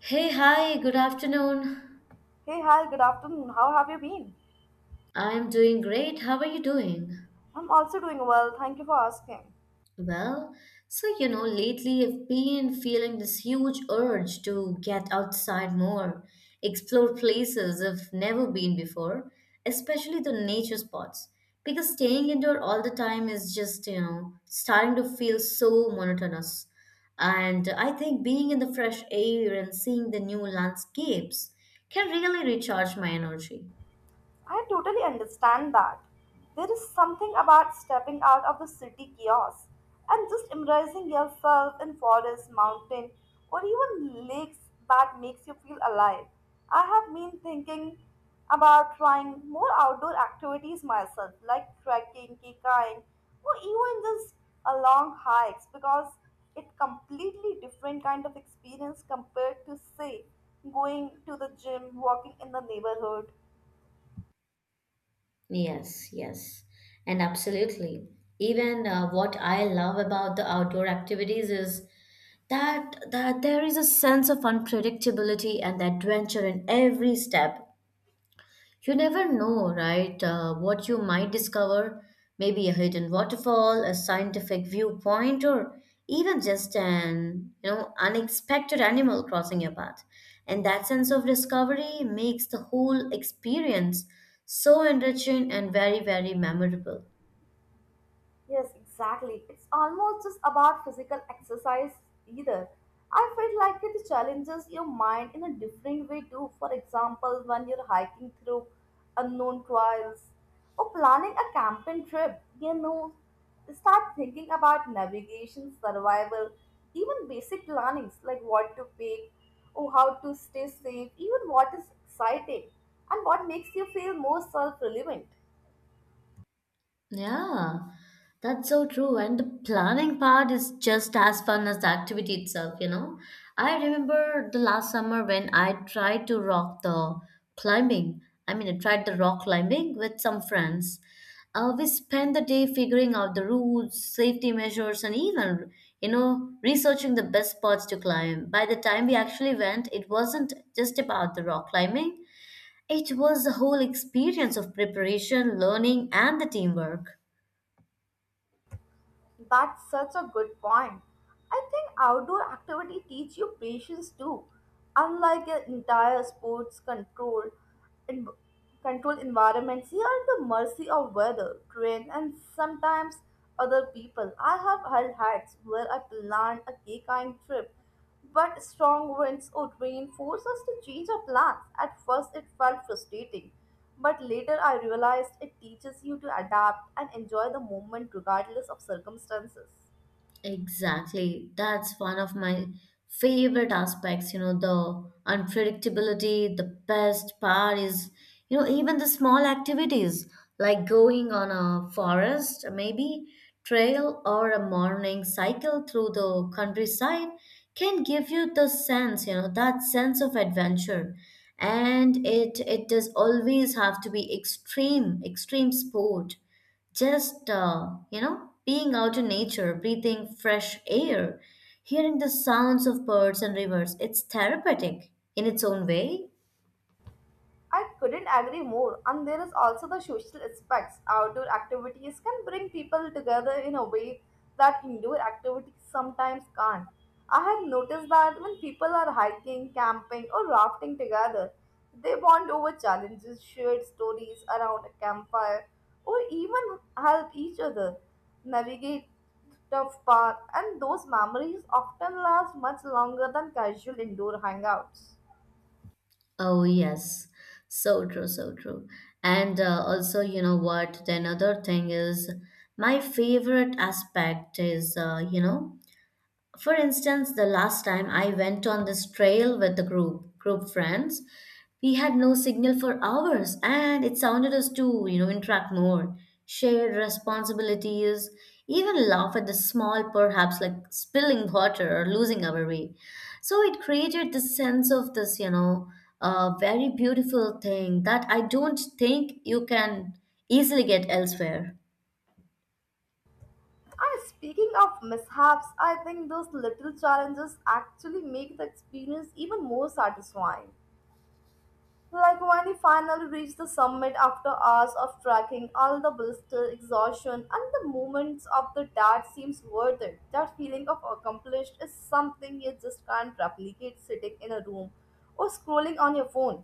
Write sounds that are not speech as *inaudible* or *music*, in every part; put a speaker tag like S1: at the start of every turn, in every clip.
S1: Hey, hi, good afternoon.
S2: Hey, hi, good afternoon. How have you been?
S1: I'm doing great. How are you doing?
S2: I'm also doing well. Thank you for asking.
S1: Well, so you know, lately I've been feeling this huge urge to get outside more, explore places I've never been before, especially the nature spots. Because staying indoor all the time is just, you know, starting to feel so monotonous. And I think being in the fresh air and seeing the new landscapes can really recharge my energy.
S2: I totally understand that. There is something about stepping out of the city chaos and just embracing yourself in forests, mountain, or even lakes that makes you feel alive. I have been thinking about trying more outdoor activities myself, like trekking, kayakaking, or even just a long hikes because it completely different kind of experience compared to say going to the gym, walking in the neighborhood.
S1: Yes, yes, and absolutely. Even what I love about the outdoor activities is that there is a sense of unpredictability and adventure in every step. You never know, right? What you might discover, maybe a hidden waterfall, a scientific viewpoint, or even just an unexpected animal crossing your path. And that sense of discovery makes the whole experience so enriching and very, very memorable.
S2: Yes, exactly. It's almost just about physical exercise either. I feel like it challenges your mind in a different way too. For example, when you're hiking through unknown trails or planning a camping trip, you know, start thinking about navigation, survival, even basic plannings like what to pick or how to stay safe, even what is exciting and what makes you feel more self-relevant.
S1: Yeah, that's so true. And the planning part is just as fun as the activity itself. I remember the last summer when I tried to rock the climbing. I mean, I tried the rock climbing with some friends. We spent the day figuring out the routes, safety measures, and even, you know, researching the best spots to climb. By the time we actually went, it wasn't just about the rock climbing, it was the whole experience of preparation, learning, and the teamwork.
S2: That's such a good point. I think outdoor activity teach you patience too. Unlike an entire sports control in controlled environments, you are at the mercy of weather, train, and sometimes other people. I have held hats where I planned a cake kind trip but strong winds would reinforce us to change our plans. At first, it felt frustrating, but later I realized it teaches you to adapt and enjoy the moment regardless of circumstances.
S1: Exactly. That's one of my favorite aspects, you know, the unpredictability. The best part is, you know, even the small activities like going on a forest, maybe trail or a morning cycle through the countryside can give you the sense, you know, that sense of adventure. And it does always have to be extreme, extreme sport, just you know, being out in nature, breathing fresh air, hearing the sounds of birds and rivers, it's therapeutic in its own way.
S2: I couldn't agree more. And there is also the social aspects. Outdoor activities can bring people together in a way that indoor activities sometimes can't. I have noticed that when people are hiking, camping, or rafting together, they bond over challenges, shared stories around a campfire, or even help each other navigate tough paths. And those memories often last much longer than casual indoor hangouts.
S1: Oh yes, so true, so true. And also, you know what, the another thing is my favorite aspect is you know, for instance, the last time I went on this trail with the group friends, we had no signal for hours and it sounded us to, you know, interact more, share responsibilities, even laugh at the small perhaps like spilling water or losing our way. So it created this sense of this, you know, a very beautiful thing that I don't think you can easily get elsewhere.
S2: And speaking of mishaps, I think those little challenges actually make the experience even more satisfying. Like when you finally reach the summit after hours of trekking, all the blister, exhaustion, and the moments of the dad seems worth it. That feeling of accomplished is something you just can't replicate sitting in a room or scrolling on your phone.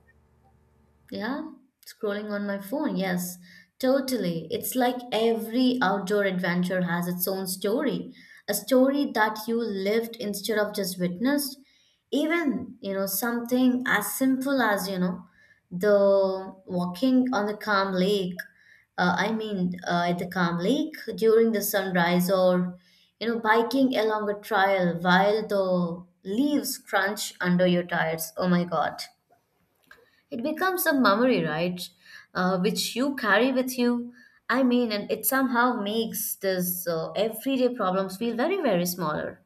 S1: Yeah, scrolling on my phone. Yes, totally. It's like every outdoor adventure has its own story, a story that you lived instead of just witnessed. Even, you know, something as simple as, you know, the walking on the calm lake. At the calm lake during the sunrise, or, you know, biking along a trail while the leaves crunch under your tires. Oh my God. It becomes a memory, right? Which you carry with you. I mean, and it somehow makes this everyday problems feel very, very smaller.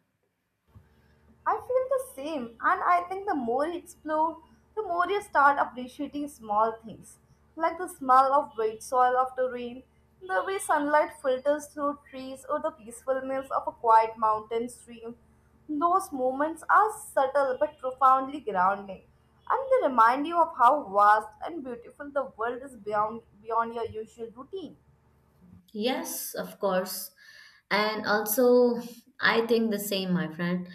S2: I feel the same, and I think the more you explore, the more you start appreciating small things, like the smell of wet soil after rain, the way sunlight filters through trees, or the peacefulness of a quiet mountain stream. Those moments are subtle but profoundly grounding, and they remind you of how vast and beautiful the world is beyond your usual routine.
S1: Yes, of course. And also, I think the same, my friend.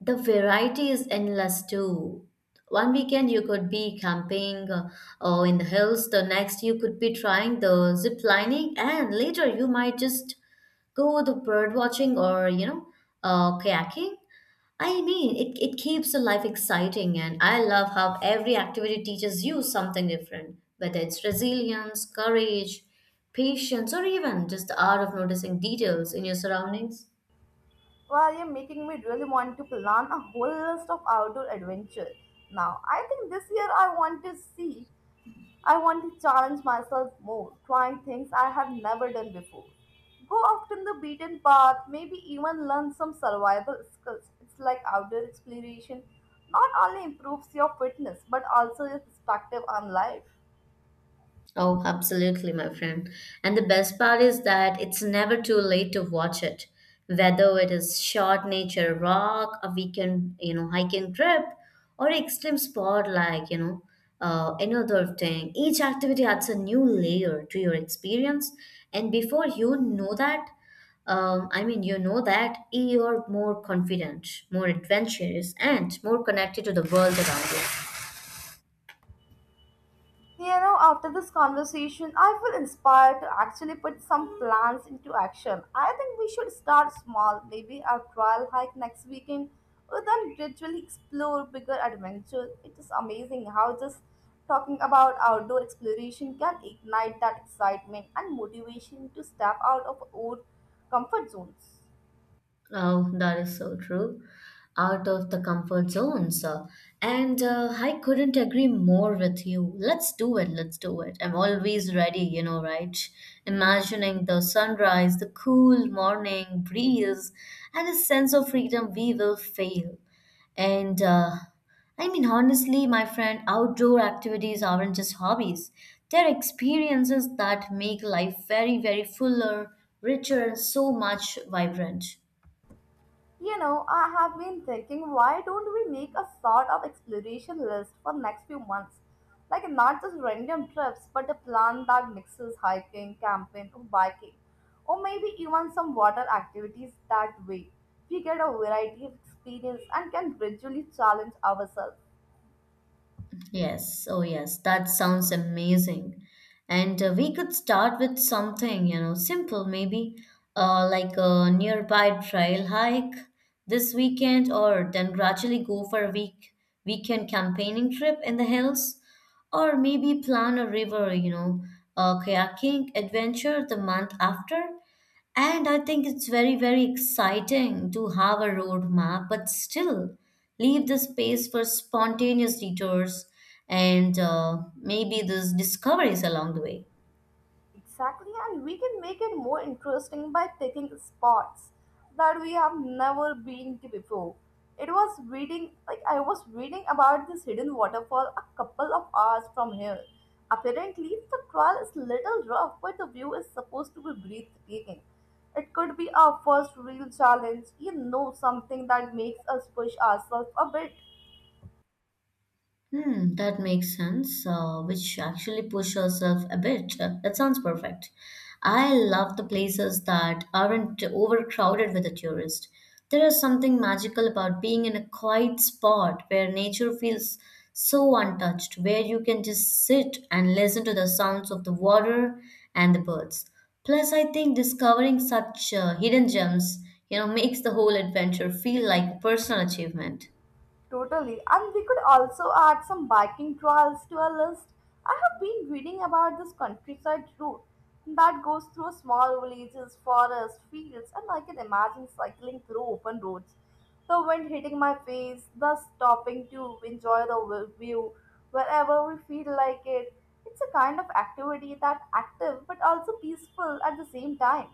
S1: The variety is endless too. One weekend you could be camping or in the hills, the next you could be trying the zip lining, and later you might just go the bird watching or you know kayaking. I mean, it keeps the life exciting, and I love how every activity teaches you something different, whether it's resilience, courage, patience, or even just the art of noticing details in your surroundings.
S2: Well, you're making me really want to plan a whole list of outdoor adventure. Now, I think this year I want to challenge myself more, trying things I have never done before. Go off in the beaten path, maybe even learn some survival skills. It's like outdoor exploration not only improves your fitness but also your perspective on life.
S1: Oh, absolutely, my friend. And the best part is that it's never too late to watch it. Whether it is short nature rock, a weekend, you know, hiking trip, or extreme sport like, you know, another thing. Each activity adds a new layer to your experience. And before you know that, you know that you're more confident, more adventurous, and more connected to the world around you.
S2: You know, after this conversation, I feel inspired to actually put some plans into action. I think we should start small, maybe a trial hike next weekend, or then gradually explore bigger adventures. It is amazing how just talking about outdoor exploration can ignite that excitement and motivation to step out of old comfort zones.
S1: Oh, that is so true. Out of the comfort zones. And I couldn't agree more with you. Let's do it. Let's do it. I'm always ready, you know, right? Imagining the sunrise, the cool morning breeze, and the sense of freedom we will feel. And honestly, my friend, outdoor activities aren't just hobbies. They're experiences that make life very, very fuller, richer, and so much vibrant.
S2: You know, I have been thinking, why don't we make a sort of exploration list for next few months? Like not just random trips, but a plan that mixes hiking, camping, or biking, or maybe even some water activities. That way, we get a variety of experience and can gradually challenge ourselves.
S1: Yes, oh yes, that sounds amazing. And we could start with something, you know, simple, maybe like a nearby trail hike this weekend, or then gradually go for a weekend campaigning trip in the hills, or maybe plan a river, you know, a kayaking adventure the month after. And I think it's very, very exciting to have a roadmap, but still leave the space for spontaneous detours and maybe those discoveries along the way.
S2: Exactly, and we can make it more interesting by picking spots that we have never been to before. It was reading, like I was reading about this hidden waterfall a couple of hours from here. Apparently, the trail is little rough, but the view is supposed to be breathtaking. It could be our first real challenge, you know, something that makes us push ourselves a bit.
S1: Hmm, that makes sense, which actually push yourself a bit. That sounds perfect. I love the places that aren't overcrowded with a tourist. There is something magical about being in a quiet spot where nature feels so untouched, where you can just sit and listen to the sounds of the water and the birds. Plus, I think discovering such hidden gems, you know, makes the whole adventure feel like a personal achievement.
S2: Totally. And we could also add some biking trails to our list. I have been reading about this countryside route that goes through small villages, forests, fields, and I can imagine cycling through open roads. The wind hitting my face, thus stopping to enjoy the view wherever we feel like it. It's a kind of activity that active but also peaceful at the same time.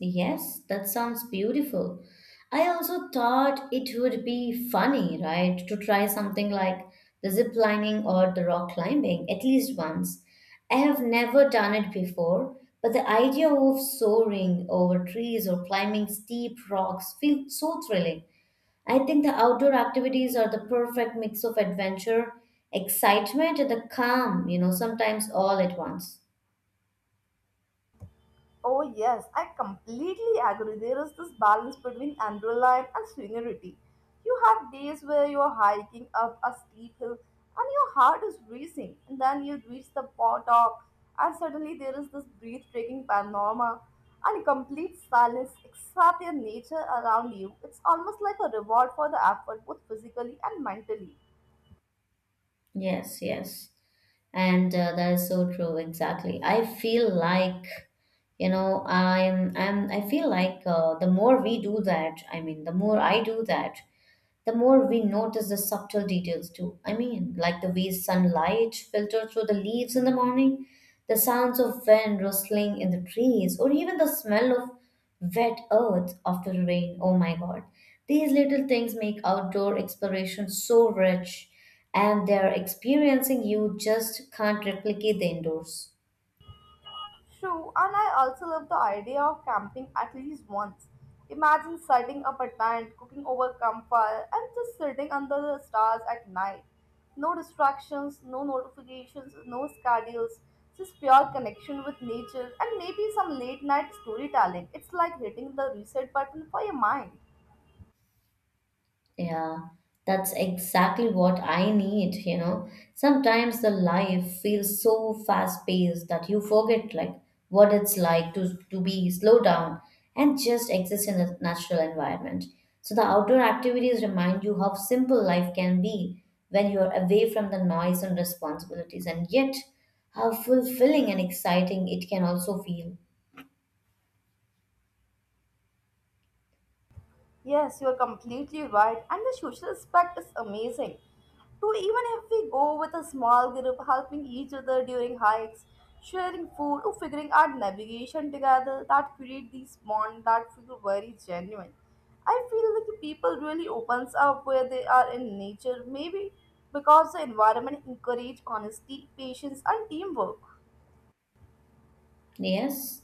S1: Yes, that sounds beautiful. I also thought it would be funny, right, to try something like the zip lining or the rock climbing at least once. I have never done it before, but the idea of soaring over trees or climbing steep rocks feels so thrilling. I think the outdoor activities are the perfect mix of adventure, excitement, and the calm, you know, sometimes all at once.
S2: Oh, yes, I completely agree. There is this balance between adrenaline and serenity. You have days where you're hiking up a steep hill and your heart is racing, and then you reach the top, and suddenly there is this breathtaking panorama and complete silence except your nature around you. It's almost like a reward for the effort, both physically and mentally.
S1: Yes, yes. And that is so true. Exactly, I feel like, you know, I'm I feel like the more we do that, I mean the more I do that, the more we notice the subtle details too. I mean, like the way sunlight filters through the leaves in the morning, the sounds of wind rustling in the trees, or even the smell of wet earth after rain. Oh my god. These little things make outdoor exploration so rich, and their experiencing you just can't replicate the indoors.
S2: True, and I also love the idea of camping at least once. Imagine setting up a tent, cooking over campfire, and just sitting under the stars at night. No distractions, no notifications, no schedules, just pure connection with nature and maybe some late night storytelling. It's like hitting the reset button for your mind.
S1: Yeah, that's exactly what I need, you know. Sometimes the life feels so fast-paced that you forget like what it's like to be slow down and just exist in a natural environment. So the outdoor activities remind you how simple life can be when you're away from the noise and responsibilities, and yet how fulfilling and exciting it can also feel.
S2: Yes, you are completely right, and the social aspect is amazing too, even if we go with a small group helping each other during hikes, sharing food or figuring out navigation together. That create these bonds that feel very genuine. I feel like the people really opens up where they are in nature, maybe because the environment encourage honesty, patience, and teamwork.
S1: Yes.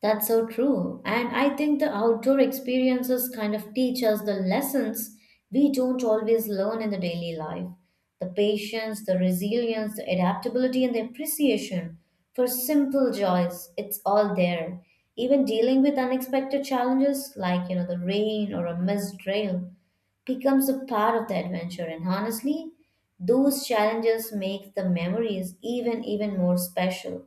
S1: That's so true. And I think the outdoor experiences kind of teach us the lessons we don't always learn in the daily life. The patience, the resilience, the adaptability, and the appreciation for simple joys, it's all there. Even dealing with unexpected challenges like, you know, the rain or a missed rail becomes a part of the adventure. And honestly, those challenges make the memories even, even more special.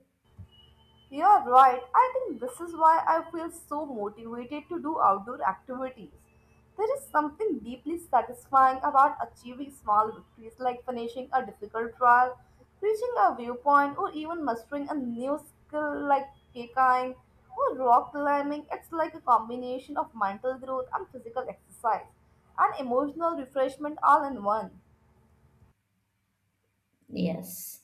S2: You are right. I think this is why I feel so motivated to do outdoor activities. There is something deeply satisfying about achieving small victories like finishing a difficult trial, reaching a viewpoint, or even mastering a new skill like kayaking or rock climbing. It's like a combination of mental growth and physical exercise and emotional refreshment all in one.
S1: Yes.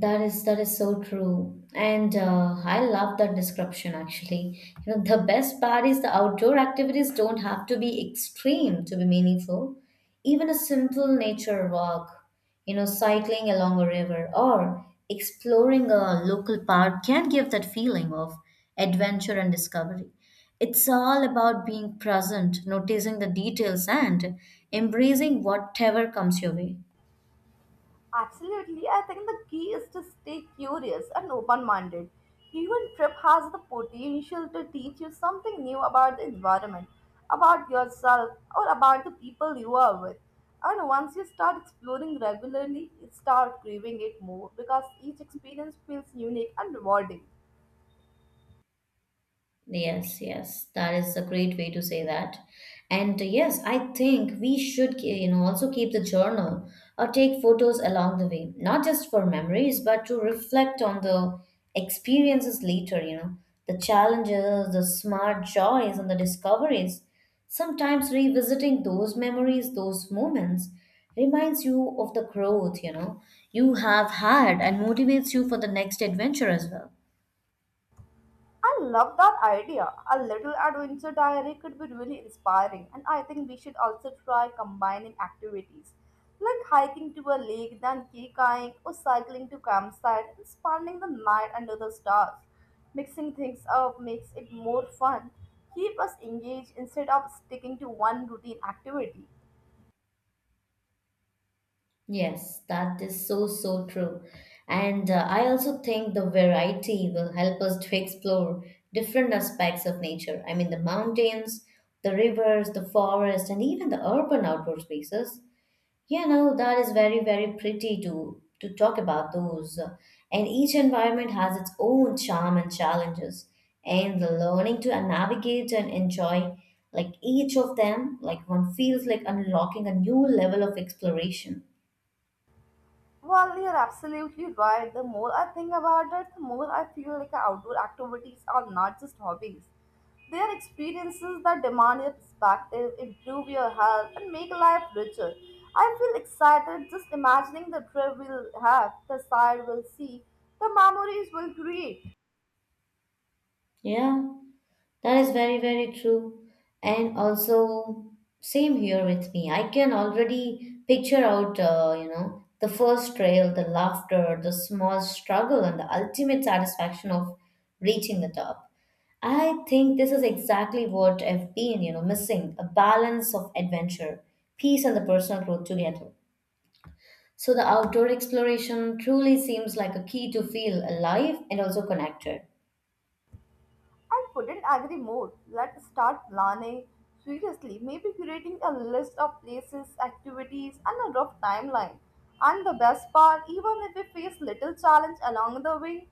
S1: That is so true, and I love that description. Actually, you know, the best part is the outdoor activities don't have to be extreme to be meaningful. Even a simple nature walk, you know, cycling along a river or exploring a local park can give that feeling of adventure and discovery. It's all about being present, noticing the details, and embracing whatever comes your way.
S2: Absolutely, I think the key is to stay curious and open minded. Even trip has the potential to teach you something new about the environment, about yourself, or about the people you are with. And once you start exploring regularly, you start craving it more because each experience feels unique and rewarding.
S1: Yes, yes, that is a great way to say that. And yes, I think we should, you know, also keep the journal or take photos along the way, not just for memories, but to reflect on the experiences later, you know, the challenges, the smart joys, and the discoveries. Sometimes revisiting those memories, those moments, reminds you of the growth, you know, you have had and motivates you for the next adventure as well.
S2: I love that idea. A little adventure diary could be really inspiring, and I think we should also try combining activities like hiking to a lake, then kayakaking, or cycling to campsite, and spending the night under the stars. Mixing things up makes it more fun. Keep us engaged instead of sticking to one routine activity.
S1: Yes, that is so, so true. And I also think the variety will help us to explore different aspects of nature. I mean, the mountains, the rivers, the forest, and even the urban outdoor spaces. You know, that is very, very pretty to talk about those. And each environment has its own charm and challenges. And the learning to navigate and enjoy like each of them, like one feels like unlocking a new level of exploration.
S2: Well, you're absolutely right. The more I think about it, the more I feel like outdoor activities are not just hobbies. They are experiences that demand your perspective, improve your health, and make life richer. I feel excited just imagining the trip we'll have, the sight we'll see, the memories we'll create.
S1: Yeah, that is very, very true. And also, same here with me. I can already picture out, you know, the first trail, the laughter, the small struggle, and the ultimate satisfaction of reaching the top. I think this is exactly what I've been, you know, missing a balance of adventure, peace, and the personal growth together. So the outdoor exploration truly seems like a key to feel alive and also connected.
S2: I couldn't agree more. Let's start planning seriously, maybe creating a list of places, activities, and a rough timeline. And the best part, even if we face little challenge along the way,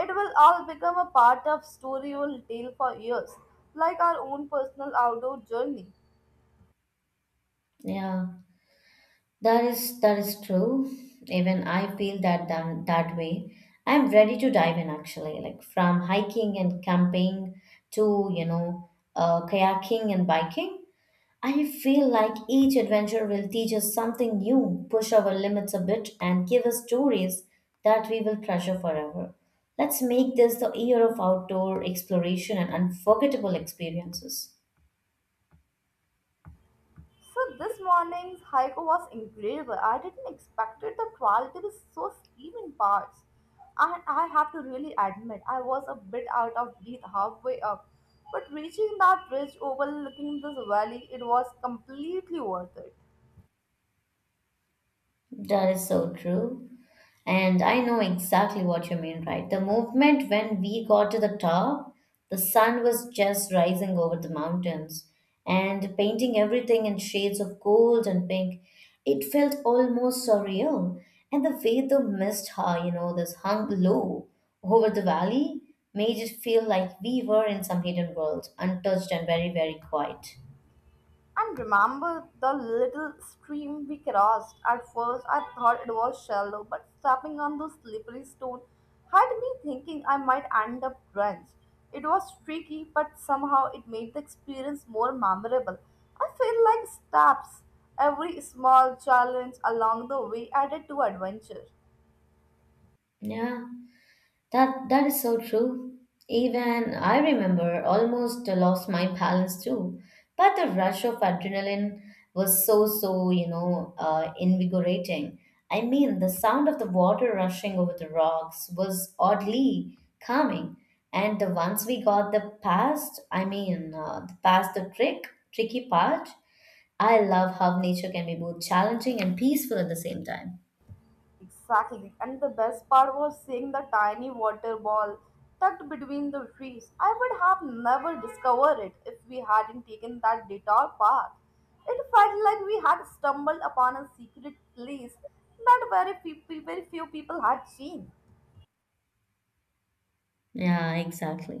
S2: it will all become a part of story we'll tell for years, like our own personal outdoor journey.
S1: Yeah. That is true. Even I feel that that way. I'm ready to dive in actually, like from hiking and camping to you know kayaking and biking. I feel like each adventure will teach us something new, push our limits a bit, and give us stories that we will treasure forever. Let's make this the year of outdoor exploration and unforgettable experiences.
S2: So this morning's hike was incredible. I didn't expect the trail to be so steep in parts. And I have to really admit, I was a bit out of breath halfway up. But reaching that ridge overlooking this valley, it was completely worth it.
S1: That is so true. And I know exactly what you mean, right? The movement when we got to the top, the sun was just rising over the mountains and painting everything in shades of gold and pink. It felt almost surreal. And the way the mist, hung, this hung low over the valley made it feel like we were in some hidden world, untouched and very, very quiet.
S2: And remember the little stream we crossed? At first, I thought it was shallow, but stepping on those slippery stones had me thinking I might end up drenched. It was tricky, but somehow it made the experience more memorable. I feel like steps, every small challenge along the way added to adventure.
S1: Yeah. That is so true. Even I remember almost lost my balance too. But the rush of adrenaline was so invigorating. I mean, the sound of the water rushing over the rocks was oddly calming. And the once we got the past, the past the trick, tricky part, I love how nature can be both challenging and peaceful at the same time.
S2: Exactly. And the best part was seeing the tiny water ball tucked between the trees. I would have never discovered it if we hadn't taken that detour path. It felt like we had stumbled upon a secret place that very few people had seen.
S1: Yeah, exactly.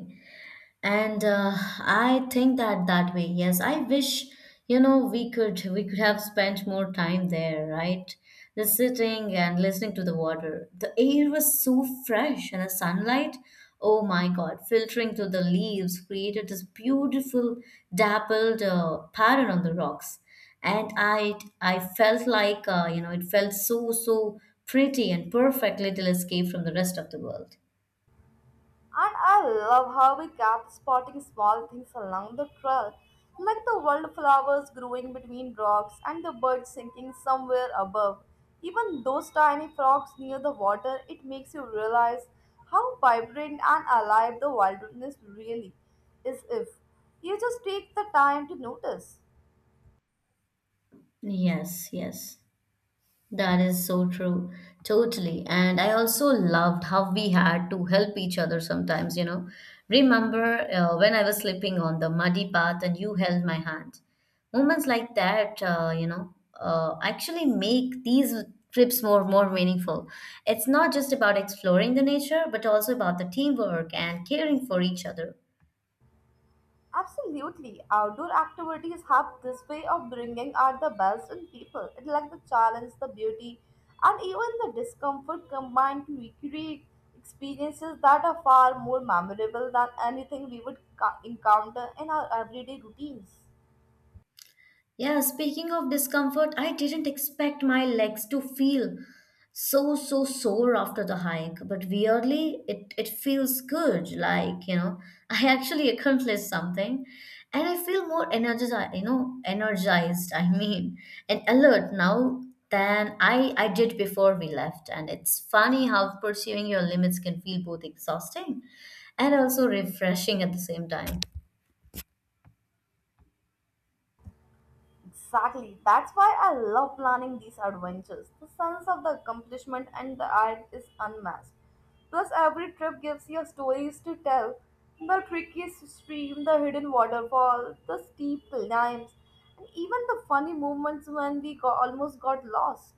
S1: And I think that that way. Yes, I wish, you know, we could have spent more time there, right? Just sitting and listening to the water. The air was so fresh and the sunlight, oh my god, filtering through the leaves created this beautiful dappled pattern on the rocks. And I felt like, you know, it felt so so pretty and perfect little escape from the rest of the world.
S2: And I love how we kept spotting small things along the trail, like the wildflowers growing between rocks and the birds singing somewhere above. Even those tiny frogs near the water, it makes you realize how vibrant and alive the wilderness really is if you just take the time to notice.
S1: Yes, yes. That is so true. Totally. And I also loved how we had to help each other sometimes, you know. Remember when I was slipping on the muddy path and you held my hand? Moments like that, actually make these trips more meaningful. It's not just about exploring the nature, but also about the teamwork and caring for each other.
S2: Absolutely. Outdoor activities have this way of bringing out the best in people. It's like the challenge, the beauty, and even the discomfort combined to recreate experiences that are far more memorable than anything we would encounter in our everyday routines.
S1: Yeah, speaking of discomfort, I didn't expect my legs to feel so sore after the hike, but weirdly it feels good. Like, you know, *laughs* I actually accomplished something and I feel more energized, you know, energized, I mean, and alert now than I did before we left. And it's funny how pursuing your limits can feel both exhausting and also refreshing at the same time.
S2: Exactly. That's why I love planning these adventures. The sense of the accomplishment and the art is unmatched. Plus, every trip gives you stories to tell. The tricky stream, the hidden waterfall, the steep climbs, and even the funny moments when almost got lost.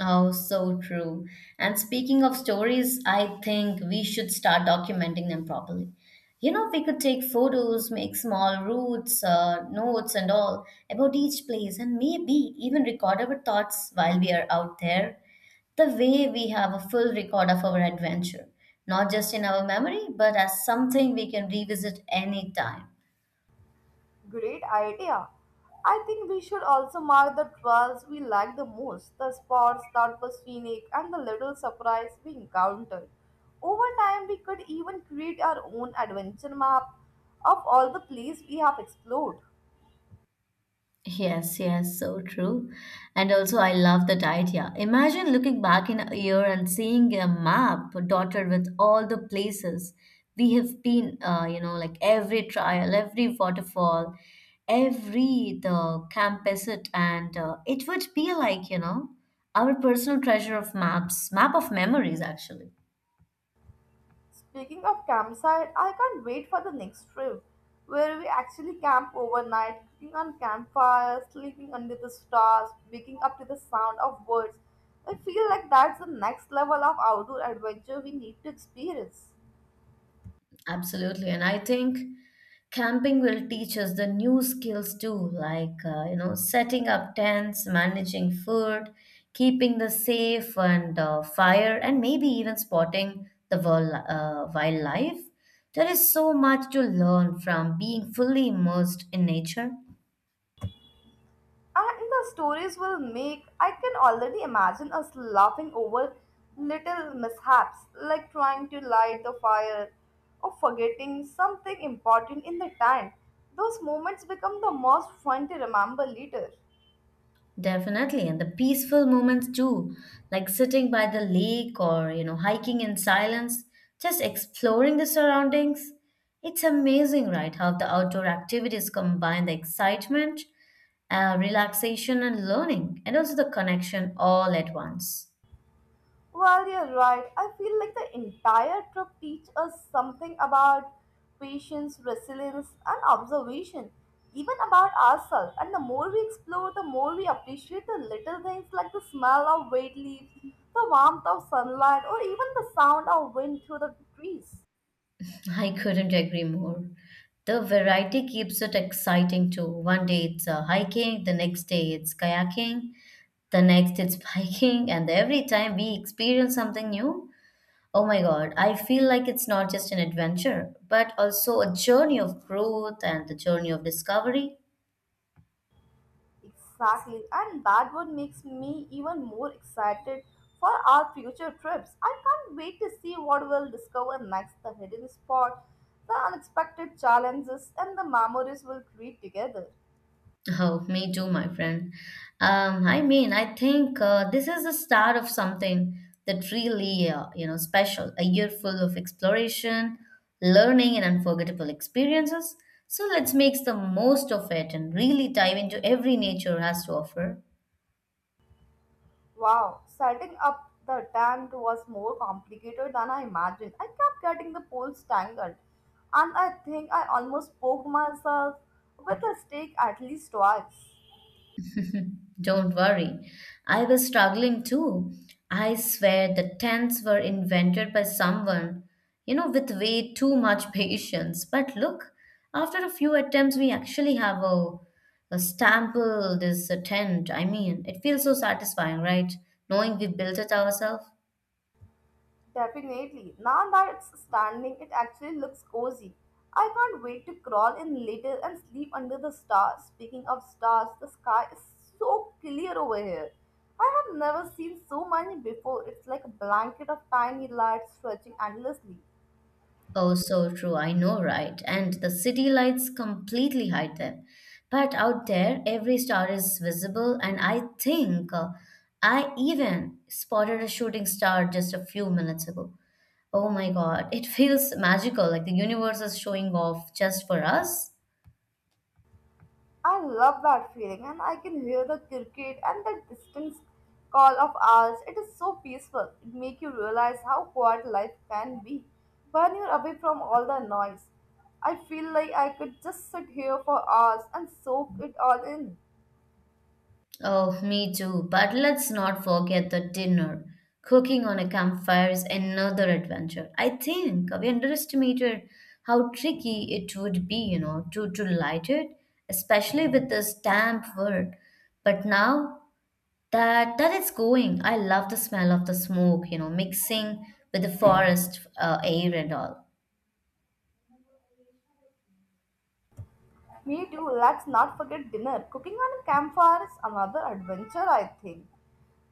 S1: Oh, so true. And speaking of stories, I think we should start documenting them properly. You know, we could take photos, make small routes, notes, and all about each place, and maybe even record our thoughts while we are out there. The way we have a full record of our adventure, not just in our memory, but as something we can revisit anytime.
S2: Great idea. I think we should also mark the trails we like the most, the spots that were scenic, and the little surprise we encountered. Over time, we could even create our own adventure map of all the places we have explored.
S1: Yes, yes, so true. And also, I love that idea. Imagine looking back in a year and seeing a map dotted with all the places we have been, you know, like every trial, every waterfall, every the campusite, and it would be like, you know, our personal treasure of maps, map of memories, actually.
S2: Speaking of campsite, I can't wait for the next trip where we actually camp overnight, cooking on campfires, sleeping under the stars, waking up to the sound of birds. I feel like that's the next level of outdoor adventure we need to experience.
S1: Absolutely. And I think camping will teach us the new skills too, like, you know, setting up tents, managing food, keeping the safe and fire, and maybe even spotting the wildlife. There is so much to learn from being fully immersed in nature.
S2: And the stories will make, I can already imagine us laughing over little mishaps like trying to light the fire or forgetting something important in the time. Those moments become the most fun to remember later.
S1: Definitely, and the peaceful moments too, like sitting by the lake or, you know, hiking in silence, just exploring the surroundings. It's amazing, right, how the outdoor activities combine the excitement, relaxation, and learning, and also the connection all at once.
S2: Well, you're right. I feel like the entire trip teaches us something about patience, resilience, and observation, even about ourselves. And the more we explore, the more we appreciate the little things like the smell of wet leaves, the warmth of sunlight, or even the sound of wind through the trees.
S1: I couldn't agree more. The variety keeps it exciting too. One day it's hiking, the next day it's kayaking, the next it's *laughs* biking, and every time we experience something new, oh my God, I feel like it's not just an adventure, but also a journey of growth and the journey of discovery. *laughs*
S2: Exactly, and that would makes me even more excited for our future trips. I can't wait to see what we'll discover next, the hidden spot, the unexpected challenges, and the memories we'll create together.
S1: Oh, me too, my friend. I mean, I think this is the start of something that really, you know, special. A year full of exploration, learning, and unforgettable experiences. So let's make the most of it and really dive into every nature has to offer.
S2: Wow, setting up the tent was more complicated than I imagined. I kept getting the poles tangled, and I think I almost poked myself with a stake at least twice.
S1: Don't worry, I was struggling too. I swear the tents were invented by someone, you know, with way too much *laughs* patience. But look, after a few attempts, we actually have a stample, this tent. I mean, it feels so satisfying, right? Knowing we built it ourselves.
S2: Definitely. Now that it's standing, it actually looks cozy. I can't wait to crawl in later and sleep under the stars. Speaking of stars, the sky is so clear over here. I have never seen so many before. It's like a blanket of tiny lights stretching endlessly.
S1: Oh, so true. I know, right? And the city lights completely hide them. But out there, every star is visible, and I think I even spotted a shooting star just a few minutes ago. Oh my God, it *laughs* feels magical, like the universe is showing off just for us.
S2: I love that feeling, and I can hear the cricket and the distant call of owls. It is so peaceful. It makes you realize how quiet life can be when you're away from all the noise. I feel like I could just sit here for hours and soak it all in.
S1: Oh, me too. But let's not forget the dinner. Cooking on a campfire is another adventure. I think we underestimated how tricky it would be, you know, to light it, especially with this damp wood. But now that it's going, I love the smell of the smoke, you know, mixing with the forest air and all.
S2: Me too. Let's not forget dinner. Cooking on a campfire is another adventure, I think.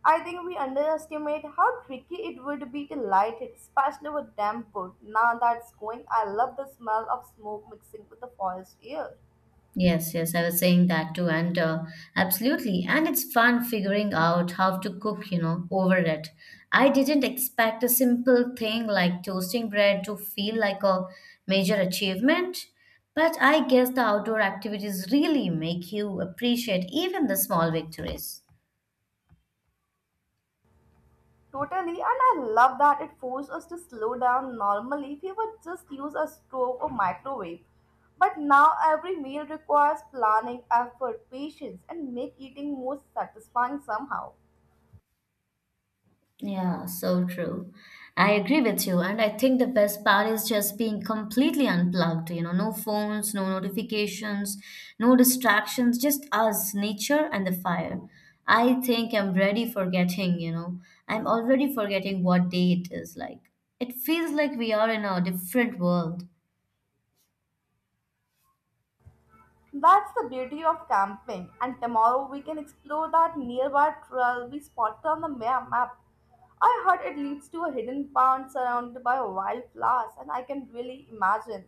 S2: I think we underestimate how tricky it would be to light it, especially with damp wood. Now that's going, I love the smell of smoke mixing with the forest air.
S1: Yes, yes, I was saying that too, and absolutely. And it's fun figuring out how to cook, you know, over it. I didn't expect a simple thing like toasting bread to feel like a major achievement, but I guess the outdoor activities really make you appreciate even the small victories.
S2: Totally, and I love that it forced us to slow down. Normally, we would just use a stove or microwave. But now every meal requires planning, effort, patience, and make eating more satisfying somehow.
S1: Yeah, so true. I agree with you. And I think the best part is just being completely unplugged, you know, no phones, no notifications, no distractions, just us, nature, and the fire. I think I'm ready for getting, you know, I'm already forgetting what day it is like. It feels like we are in a different world.
S2: That's the beauty of camping, and tomorrow we can explore that nearby trail we spotted on the map. I heard it leads to a hidden pond surrounded by wildflowers, and I can really imagine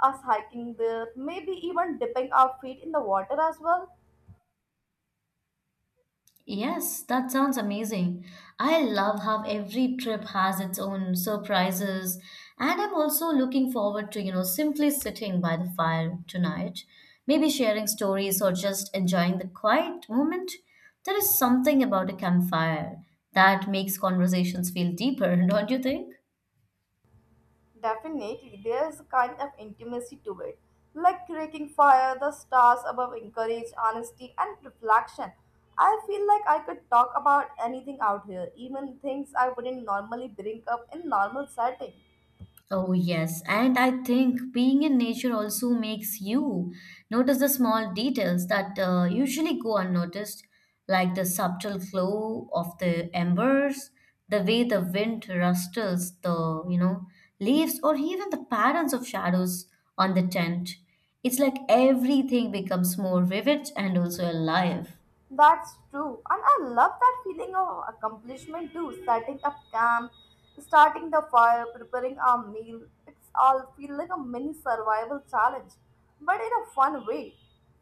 S2: us hiking there, maybe even dipping our feet in the water as well.
S1: Yes, that sounds amazing. I love how every trip has its own surprises, and I'm also looking forward to, you know, simply sitting by the fire tonight, maybe sharing stories or just enjoying the quiet moment. There is something about a campfire that makes conversations feel deeper, *laughs* don't you think?
S2: Definitely, there's a kind of intimacy to it. Like creaking fire, the stars above encourage honesty and reflection. I feel like I could talk about anything out here, even things I wouldn't normally bring up in normal setting.
S1: Oh, yes. And I think being in nature also makes you notice the small details that usually go unnoticed, like the subtle glow of the embers, the way the wind rustles the, you know, leaves, or even the patterns of shadows on the tent. It's like everything becomes more vivid and also alive.
S2: That's true. And I love that feeling of accomplishment too. Setting up camp, starting the fire, preparing our meal. It's all feel like a mini survival challenge, but in a fun way.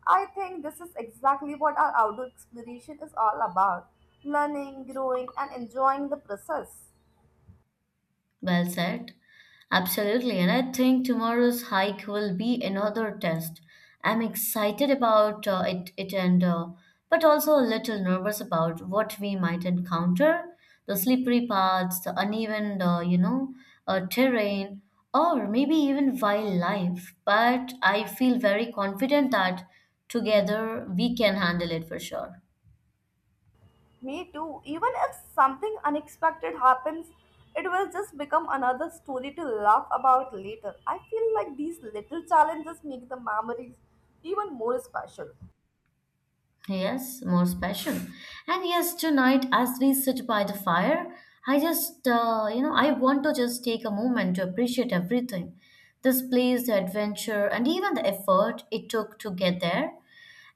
S2: I think this is exactly what our outdoor exploration is all about. Learning, growing, and enjoying the process.
S1: Well said. Absolutely. And I think tomorrow's hike will be another test. I'm excited about it, it and but also a little nervous about what we might encounter, the slippery paths, the uneven, terrain, or maybe even wildlife. But I feel very confident that together we can handle it for sure.
S2: Me too. Even if something unexpected happens, it will just become another story to laugh about later. I feel like these little challenges make the memories even more special.
S1: Yes, more special. And yes, tonight as we sit by the fire, I just, I want to just take a moment to appreciate everything. This place, the adventure, and even the effort it took to get there.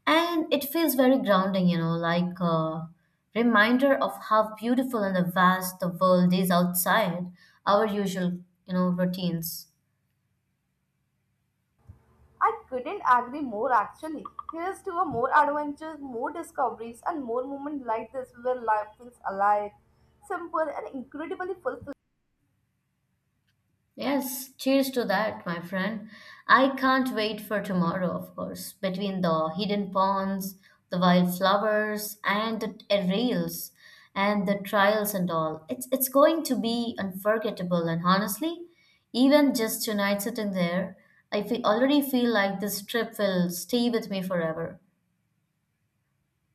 S1: And it feels very grounding, you know, like a reminder of how beautiful and the vast the world is outside our usual, you know, routines.
S2: I couldn't agree more actually. Here's to a more adventures, more discoveries, and more moments like this where life feels alive, simple, and incredibly fulfilling.
S1: Yes, cheers to that, my friend. I can't wait for tomorrow, of course. Between the hidden ponds, the wildflowers, and the aerials, and the trials and all, it's going to be unforgettable. And honestly, even just tonight sitting there, I feel, already feel like this trip will stay with me forever.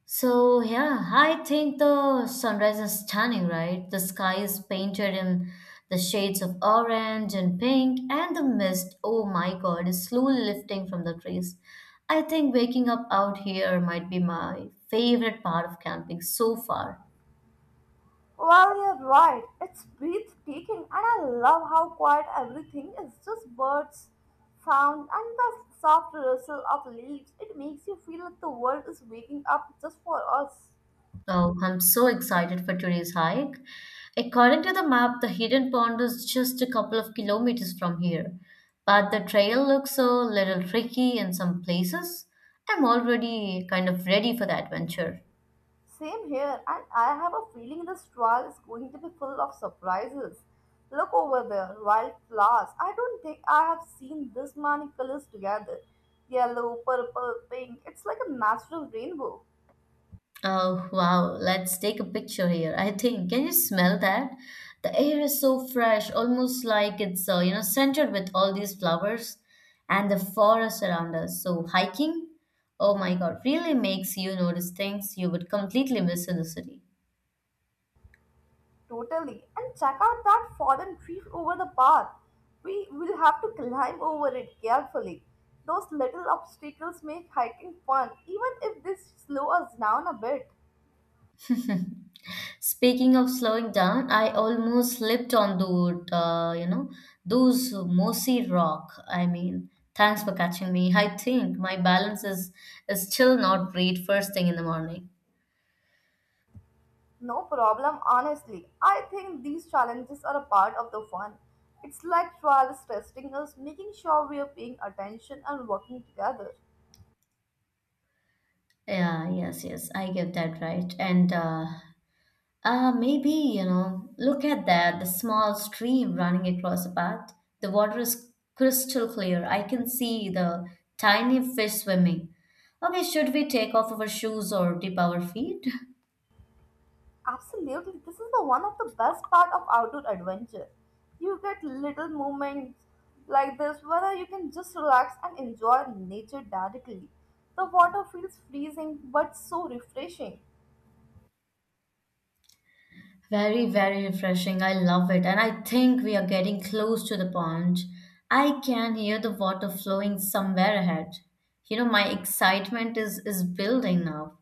S1: So yeah, I think the sunrise is stunning, right? The sky is painted in the shades of orange and pink, and the mist, oh my god, is slowly lifting from the trees. I think waking up out here might be my favorite part of camping so far.
S2: Well, you're right. It's breathtaking, and I love how quiet everything is just birds, sound, and the soft rustle of leaves. It makes you feel like the world is waking up just for us.
S1: Oh, I'm so excited for today's hike. According to the map, the hidden pond is just a couple of kilometers from here, but the trail looks a little tricky in some places. I'm already kind of ready for the adventure.
S2: Same here, and I have a feeling this trial is going to be full of surprises. Look over there, wild flowers. I don't think I have seen this many colors together yellow, purple, pink. It's like a natural rainbow.
S1: Oh, wow. Let's take a picture here. I think, can you smell that? The air is so fresh, almost like it's, you know, centered with all these flowers and the forest around us. So hiking, oh my God, really makes you notice things you would completely miss in the city.
S2: Totally. And check out that fallen tree over the path. We will have to climb over it carefully. Those little obstacles make hiking fun, even if they slow us down a bit.
S1: Speaking of slowing down, I almost slipped on the, you know, those mossy rock. I mean, thanks for catching me. I think my balance is still not great first thing in the morning.
S2: No problem, honestly. I think these challenges are a part of the fun. It's like trials testing us, making sure we are paying attention and working together.
S1: Yeah, yes, yes, I get that right. And maybe, you know, look at that, the small stream running across the path. The water is crystal clear. I can see the tiny fish swimming. Okay, should we take off our shoes or dip our feet?
S2: Absolutely, this is the one of the best part of outdoor adventure. You get little moments like this where you can just relax and enjoy nature directly. The water feels freezing but so refreshing.
S1: *laughs* Very, very refreshing. I love it. And I think we are getting close to the pond. I can hear the water flowing somewhere ahead. You know, my excitement is building now.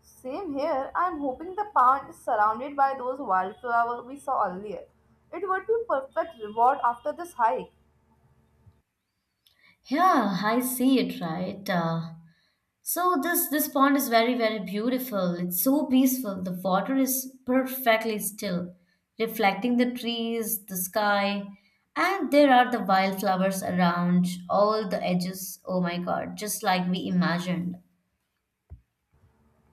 S2: Same here, I am hoping the pond is surrounded by those wildflowers we saw earlier. It would be perfect reward after this hike.
S1: Yeah, I see it, right? So this pond is very, very beautiful. It's so peaceful. The water is perfectly still, reflecting the trees, the sky, and there are the wildflowers around all the edges. Oh my God, just like we imagined.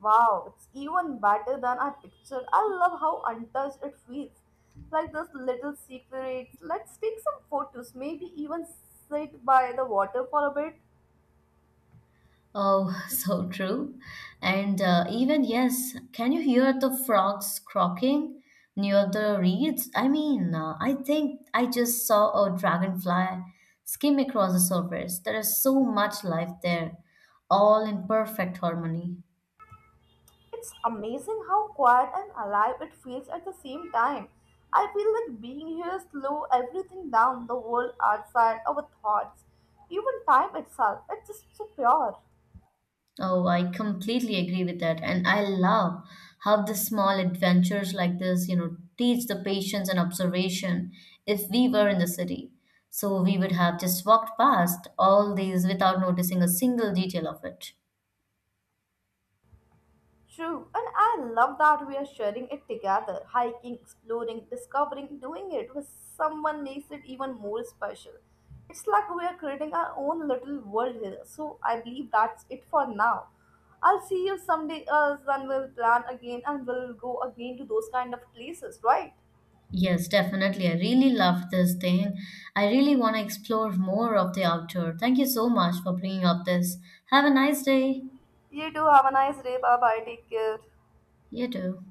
S2: Wow, it's even better than I pictured. I love how untouched it feels. Like those little secrets. Let's take some photos, maybe even sit by the water for a bit.
S1: Oh, *laughs* so true. And even, yes, can you hear the frogs croaking near the reeds? I think I just saw a dragonfly skim across the surface. There is so much life there, all in perfect harmony.
S2: It's amazing how quiet and alive it feels at the same time. I feel like being here slow everything down the world outside our thoughts, even time itself. It's just so pure.
S1: Oh, I completely agree with that. And I love how the small adventures like this, you know, teach the patience and observation. If we were in the city, so we would have just walked past all these without noticing a single detail of it.
S2: True, and I love that we are sharing it together. Hiking, exploring, discovering, doing it with someone makes it even more special. It's like we are creating our own little world here. So I believe that's it for now. I'll see you someday else, then we'll plan again and we'll go again to those kind of places, right?
S1: Yes, definitely. I really loved this thing. I really want to explore more of the outdoor. Thank you so much for bringing up this. Have a nice day.
S2: You too, have a nice day. Bye bye, take care.
S1: You too.